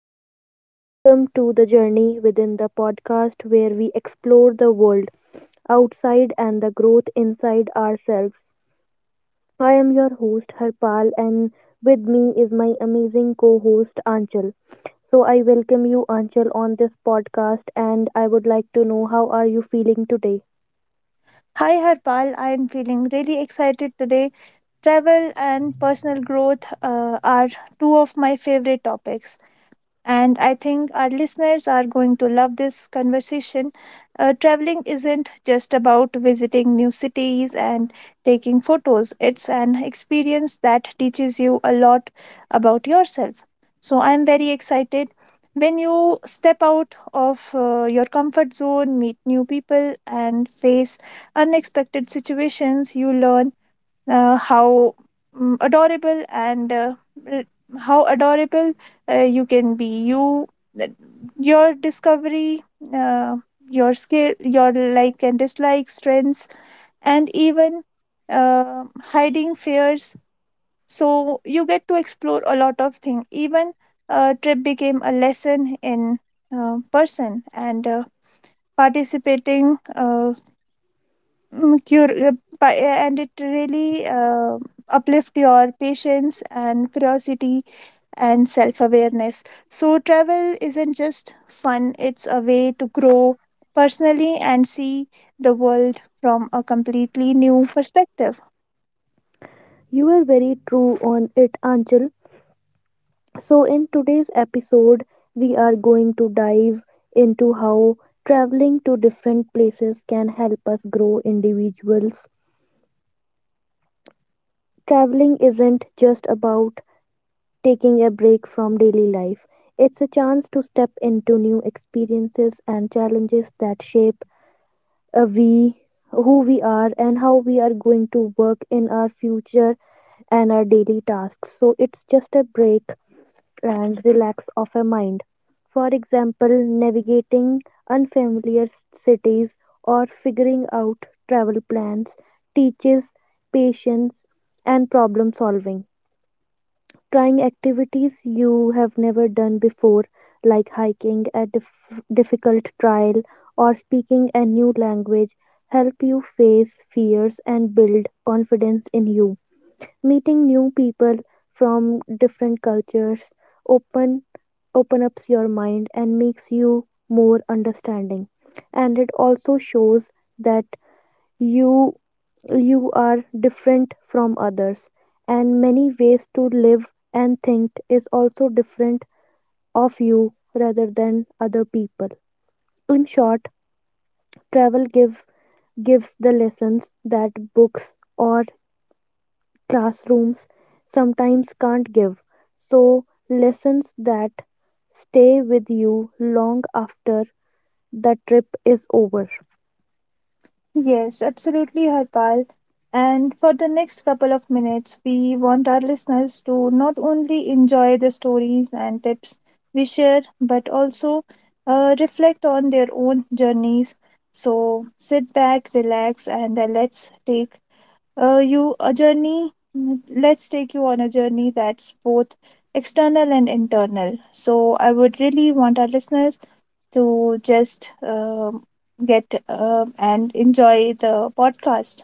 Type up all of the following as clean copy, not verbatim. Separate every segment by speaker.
Speaker 1: everyone. Welcome to the Journey Within the podcast where we explore the world outside and the growth inside ourselves. I am your host, Harpal, and with me is my amazing co host, Anchal. So, I welcome you, Anchal, on this podcast, and I would like to know how are you feeling today?
Speaker 2: Hi Harpal, I am feeling really excited today. Travel and personal growth are two of my favorite topics. And I think our listeners are going to love this conversation. Traveling isn't just about visiting new cities and taking photos, it's an experience that teaches you a lot about yourself. So I'm very excited. When you step out of your comfort zone, meet new people, and face unexpected situations, you learn uh, how adorable and r- how adorable you can be you that your discovery uh, your skill your like and dislike strengths and even uh, hiding fears, so you get to explore a lot of things. Even a trip became a lesson in person and participating mm, cur- uh, pa- and it really uplift your patience and curiosity and self-awareness. So travel isn't just fun, it's a way to grow personally and see the world from a completely new perspective.
Speaker 1: You are very true on it, Anchal. So, in today's episode, we are going to dive into how traveling to different places can help us grow individuals. Traveling isn't just about taking a break from daily life, it's a chance to step into new experiences and challenges that shape uh, we, who we are, and how we are going to work in our future and our daily tasks. So, it's just a break and relax of a mind. For example, navigating cities or figuring out travel plans teaches patience and problem solving. Trying activities you have never done before, like hiking a difficult trail or speaking a new language, help you face fears and build confidence in you meeting new people from different cultures open open up your mind and makes you more understanding, and it also shows that you you are different from others and many ways to live and think is also different of you rather than other people. In short, travel gives the lessons that books or classrooms sometimes can't give. So, lessons that stay with you long after the trip is over.
Speaker 2: Yes, absolutely, Harpal. And for the next couple of minutes, we want our listeners to not only enjoy the stories and tips we share, but also reflect on their own journeys. So sit back, relax, and uh, you a journey. Let's take you on a journey that's both external and internal. So I would really want our listeners to just get and enjoy the podcast.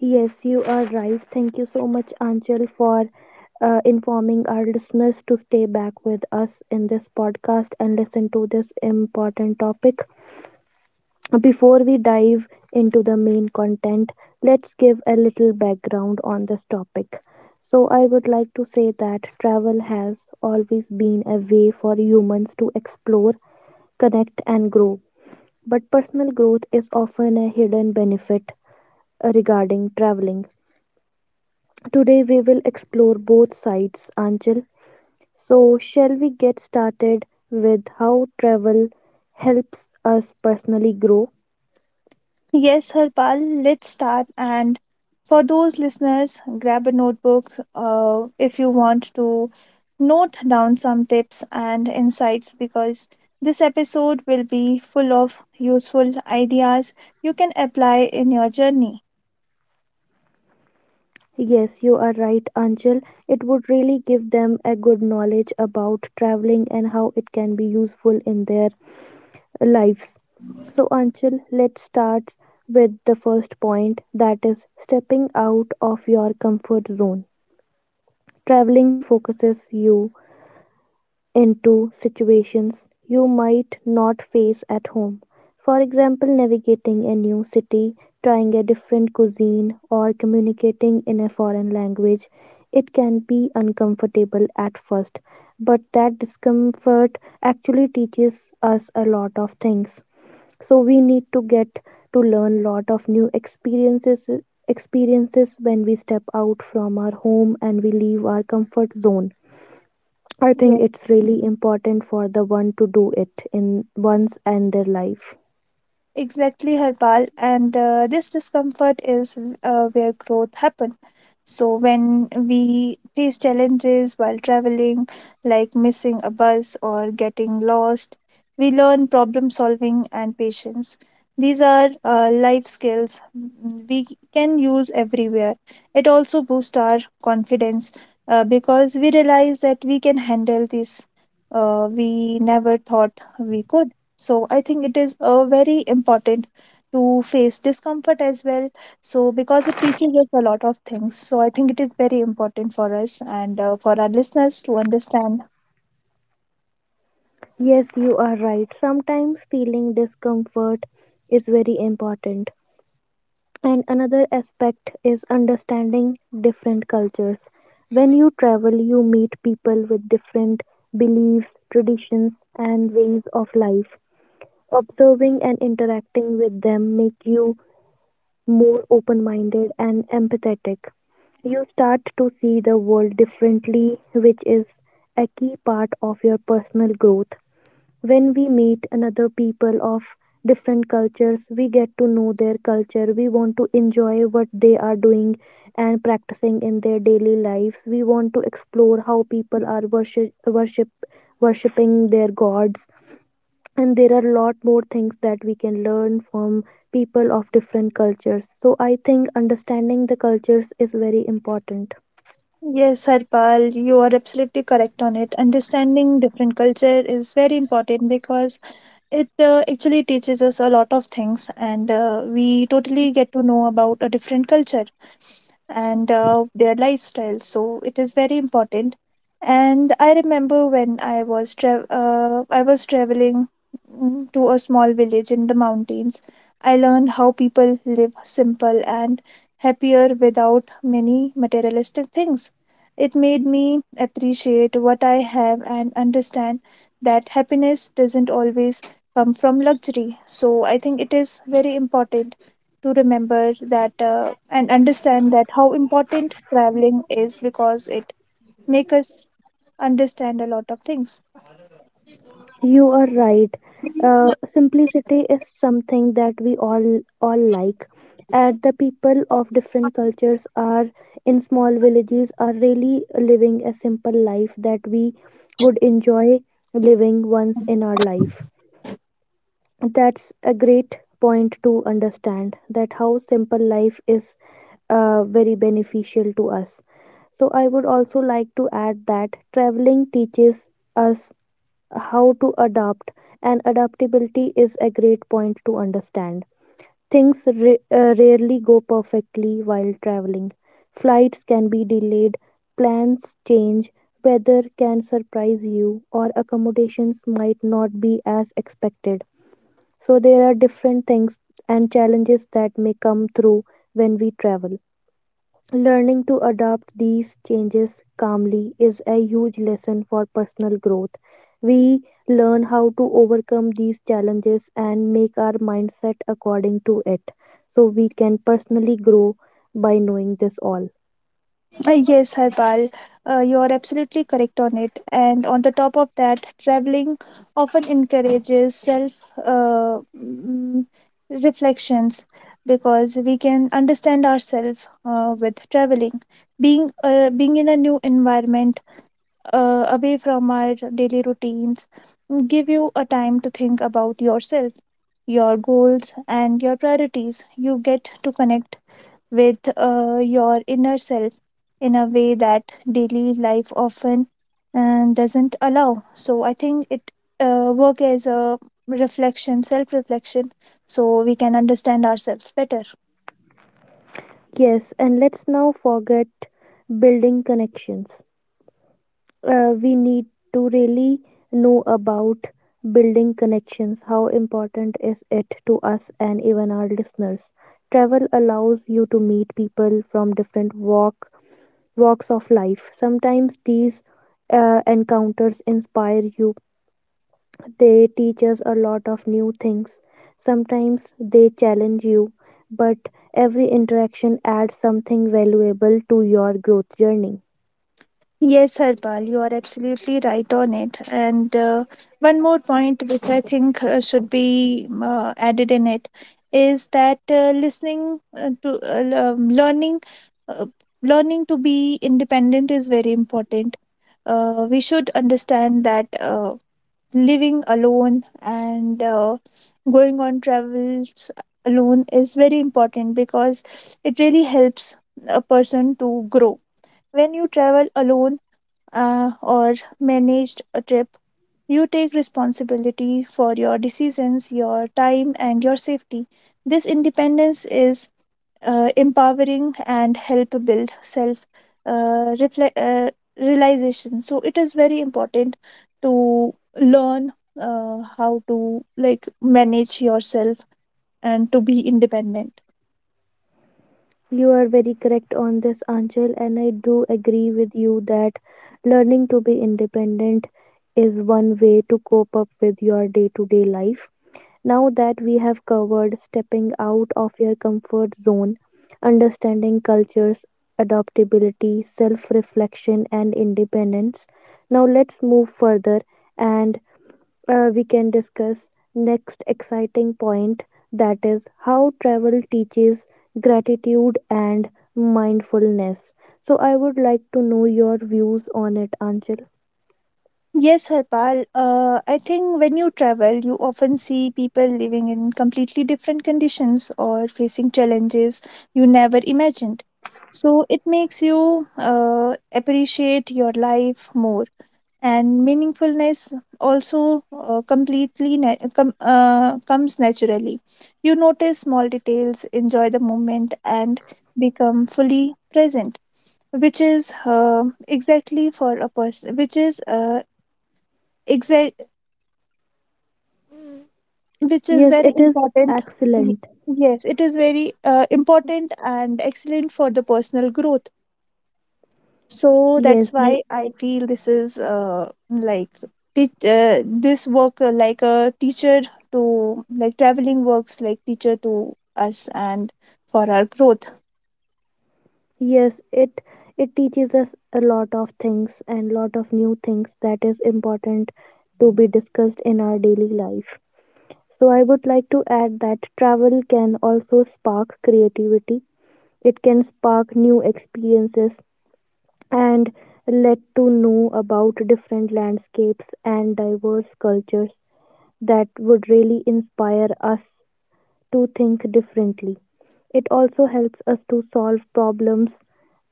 Speaker 1: Yes, you are right. Thank you so much, Anchal, for informing our listeners to stay back with us in this podcast and listen to this important topic. Before we dive into the main content, let's give a little background on this topic. So, I would like to say that travel has always been a way for humans to explore, connect, and grow. But personal growth is often a hidden benefit regarding traveling. Today, we will explore both sides, Anchal. So, shall we get started with how travel helps us personally grow?
Speaker 2: Yes, Harpal, let's start. And for those listeners, grab a notebook if you want to note down some tips and insights, because this episode will be full of useful ideas you can apply in your journey.
Speaker 1: Yes, you are right, Anchal. It would really give them a good knowledge about traveling and how it can be useful in their lives. So, Anchal, let's start with the first point, that is stepping out of your comfort zone. Traveling focuses you into situations you might not face at home. For example, navigating a new city, trying a different cuisine, or communicating in a foreign language. It can be uncomfortable at first, but that discomfort actually teaches us a lot of things. So we need to get to learn lot of new experiences when we step out from our home and we leave our comfort zone. I think
Speaker 2: Yes.
Speaker 1: it's really important for the one to do it in once and their life.
Speaker 2: Exactly, Harpal. And this discomfort is where growth happens. So, when we face challenges while traveling, like missing a bus or getting lost, we learn problem solving and patience. These are life skills we can use everywhere. It also boosts our confidence because we realize that we can handle this. We never thought we could. So I think it is very important to face discomfort as well. So because it teaches us a lot of things. So I think it is very important for us and for our listeners to understand.
Speaker 1: Yes, you are right. Sometimes feeling discomfort is very important. And another aspect is understanding different cultures. When you travel, you meet people with different beliefs, traditions, and ways of life. Observing and interacting with them make you more open minded and empathetic. You start to see the world differently, which is a key part of your personal growth. When we meet another people of different cultures, we get to know their culture. We want to enjoy what they are doing and practicing in their daily lives. We want to explore how people are worshipping their gods, and there are a lot more things that we can learn from people of different cultures. So I think understanding the cultures is very important.
Speaker 2: Yes, Harpal, you are absolutely correct on it. Understanding different culture is very important because it actually teaches us a lot of things, and we totally get to know about a different culture and their lifestyle. So it is very important. And I remember when I was traveling to a small village in the mountains. I learned how people live simple and happier without many materialistic things. It made me appreciate what I have and understand that happiness doesn't always come from luxury. So I think it is very important to remember that and understand that how important traveling is, because it make us understand a lot of things.
Speaker 1: You are right. Simplicity is something that we all like, and the people of different cultures are in small villages are really living a simple life that we would enjoy living once in our life. That's a great point to understand, that how simple life is very beneficial to us. So, I would also like to add that traveling teaches us how to adapt, and adaptability is a great point to understand. Things rarely go perfectly while traveling. Flights can be delayed, plans change, weather can surprise you, or accommodations might not be as expected. So there are different things and challenges that may come through when we travel. Learning to adapt these changes calmly is a huge lesson for personal growth. We learn how to overcome these challenges and make our mindset according to it, so we can personally grow by knowing this all.
Speaker 2: Yes, Harpal, you are absolutely correct on it. And on the top of that, traveling often encourages self reflections, because we can understand ourselves with traveling. Being in a new environment, away from our daily routines, give you a time to think about yourself, your goals, and your priorities. You get to connect with your inner self in a way that daily life often doesn't allow. So I think it work as a reflection, self reflection, so we can understand ourselves better.
Speaker 1: Yes, and let's now forget building connections. We need to really know about building connections, how important is it to us and even our listeners. Travel allows you to meet people from different walks of life. Sometimes these encounters inspire you, they teach us a lot of new things, sometimes they challenge you, but every interaction adds something valuable to your growth journey.
Speaker 2: Yes, Harpal, you are absolutely right on it. And one more point, which I think should be added in it, is that listening to l- learning, uh, learning to be independent is very important. We should understand that living alone and going on travels alone is very important, because it really helps a person to grow. When you travel alone or managed a trip, you take responsibility for your decisions, your time, and your safety. This independence is empowering and help build self uh, refle- uh, realization. So it is very important to learn how to like manage yourself and to be independent.
Speaker 1: You are very correct on this, Anchal, and I do agree with you that learning to be independent is one way to cope up with your day to day life. Now that we have covered stepping out of your comfort zone, understanding cultures, adaptability, self reflection, and independence, now let's move further and we can discuss next exciting point, that is how travel teaches gratitude and mindfulness. So I would like to know your views on it, Anchal.
Speaker 2: Yes, Harpal. I think when you travel, you often see people living in completely different conditions or facing challenges you never imagined. So it makes you appreciate your life more. And meaningfulness also comes naturally. You notice small details, enjoy the moment, and become fully present, which is exactly for a person, which is exact which is
Speaker 1: Yes,
Speaker 2: very
Speaker 1: it is
Speaker 2: important. Y-
Speaker 1: excellent.
Speaker 2: Yes, it is very important and excellent for the personal growth. So that's
Speaker 1: Yes, you.
Speaker 2: why I feel this is like a teacher to like, traveling works like teacher to us and for our growth.
Speaker 1: Yes, it teaches us a lot of things and lot of new things that is important to be discussed in our daily life. So I would like to add that travel can also spark creativity. It can spark new experiences and let to know about different landscapes and diverse cultures that would really inspire us to think differently. It also helps us to solve problems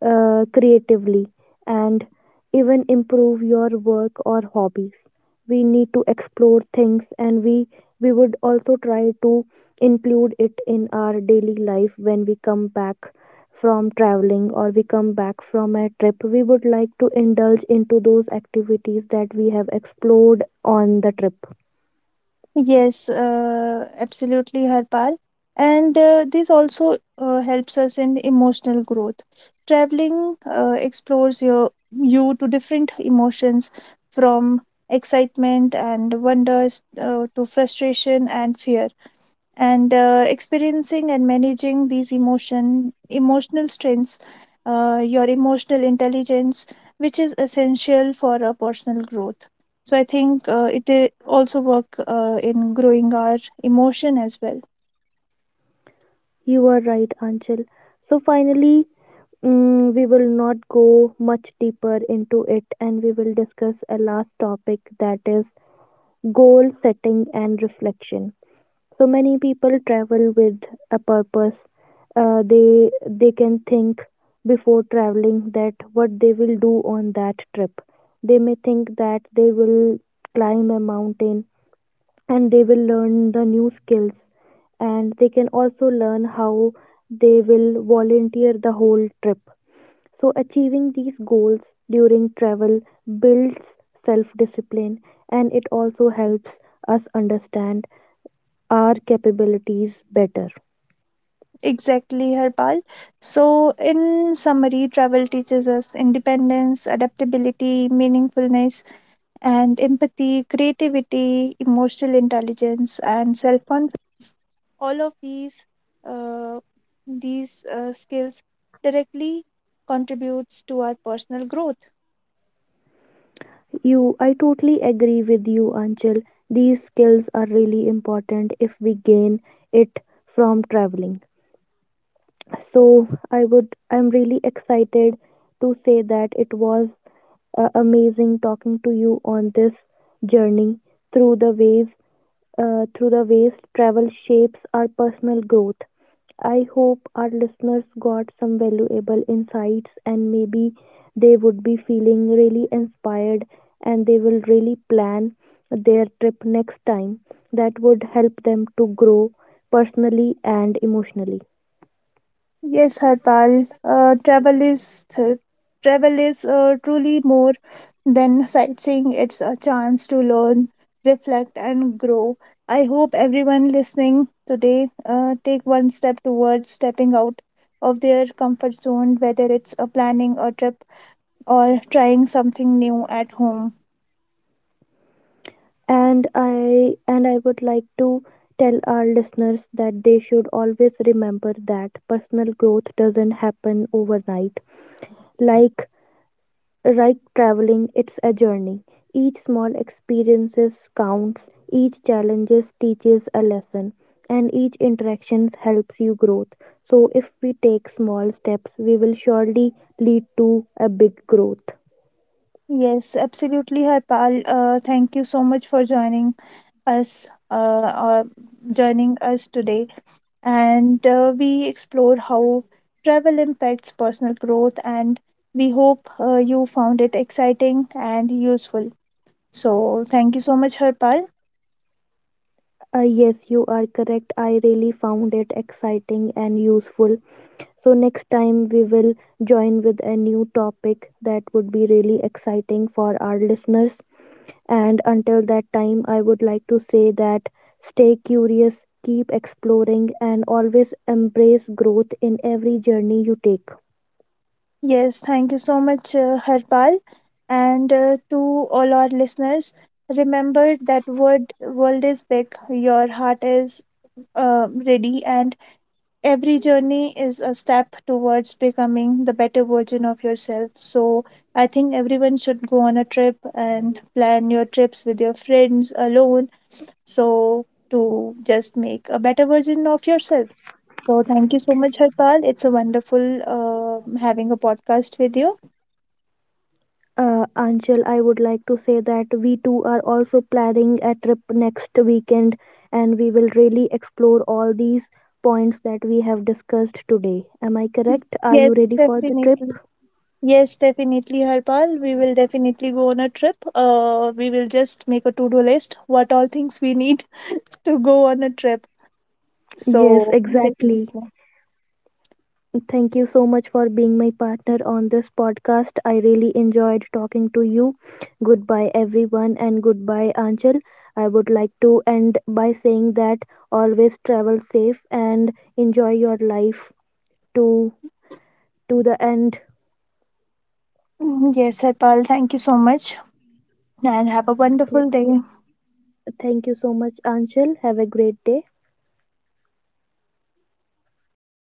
Speaker 1: creatively, and even improve your work or hobbies. We need to explore things, and we would also try to include it in our daily life. When we come back from traveling, or we come back from a trip, we would like to indulge into those activities that we have explored on the trip.
Speaker 2: Yes, absolutely, Harpal. And this also helps us in emotional growth. Traveling explores your you to different emotions from excitement and wonders to frustration and fear, and experiencing and managing these emotional strengths, your emotional intelligence, which is essential for a personal growth. So I think also work in growing our emotion as well.
Speaker 1: You are right, Anchal. So finally, we will not go much deeper into it, and we will discuss a last topic that is goal setting and reflection. So many people travel with a purpose. They can think before traveling that what they will do on that trip. They may think that they will climb a mountain, and they will learn the new skills, and they can also learn how they will volunteer the whole trip. So, achieving these goals during travel builds self discipline, and it also helps us understand our capabilities better.
Speaker 2: Exactly, Harpal. So in summary, travel teaches us independence, adaptability, meaningfulness, and empathy, creativity, emotional intelligence.
Speaker 1: You, I totally agree with you, Anchal. These skills are really important if we gain it from traveling. So, I would, I'm really excited to say that it was amazing talking to you on this journey through the ways through the ways travel shapes our personal growth. I hope our listeners got some valuable insights, and maybe they would be feeling really inspired, and they will really plan their trip next time. That would help them to grow personally and emotionally.
Speaker 2: Yes, Harpal. Travel is truly more than sightseeing. It's a chance to learn, reflect, and grow. I hope everyone listening today take one step towards stepping out of their comfort zone, whether it's a planning a trip or trying something new at home.
Speaker 1: And I would like to tell our listeners that they should always remember that personal growth doesn't happen overnight. Like Like traveling, it's a journey. Each small experiences counts, each challenges teaches a lesson, and each interaction helps you growth. So if we take small steps, we will surely lead to a big growth.
Speaker 2: Yes, absolutely, Harpal. Thank you so much for joining us. Joining us today. And we explore how travel impacts personal growth, and we hope you found it exciting and useful. So thank you so much, Harpal.
Speaker 1: Yes, you are correct. I really found it exciting and useful. So, next time we will join with a new topic that would be really exciting for our listeners. And until that time, I would like to say that stay curious, keep exploring, and always embrace growth in every journey you take.
Speaker 2: Yes, thank you so much, Harpal. And to all our listeners, remember that word, world is big, your heart is ready, and every journey is a step towards becoming the better version of yourself. So, I think everyone should go on a trip and plan your trips with your friends alone. So, to just make a better version of yourself. So, thank you so much, Harpal. It's a wonderful having a podcast with you.
Speaker 1: Anshul, I would like to say that we too are also planning a trip next weekend, and we will really explore all these points that we have discussed today. Am I correct? Are
Speaker 2: Yes,
Speaker 1: you ready for the trip?
Speaker 2: definitely. Yes, definitely, Harpal. We will definitely go on a trip. We will just make a to-do list what all things we need to go on a trip.
Speaker 1: Yes,
Speaker 2: So,
Speaker 1: exactly.
Speaker 2: definitely.
Speaker 1: Thank you so much for being my partner on this podcast. I really enjoyed talking to you. Goodbye, everyone, and goodbye, Anchal. I would like to end by saying that always travel safe and enjoy your life to to the end.
Speaker 2: Mhm. Yes, Harpal, thank you so much and have a
Speaker 1: Th-
Speaker 2: wonderful day.
Speaker 1: Thank you so much, Anchal. Have a great day.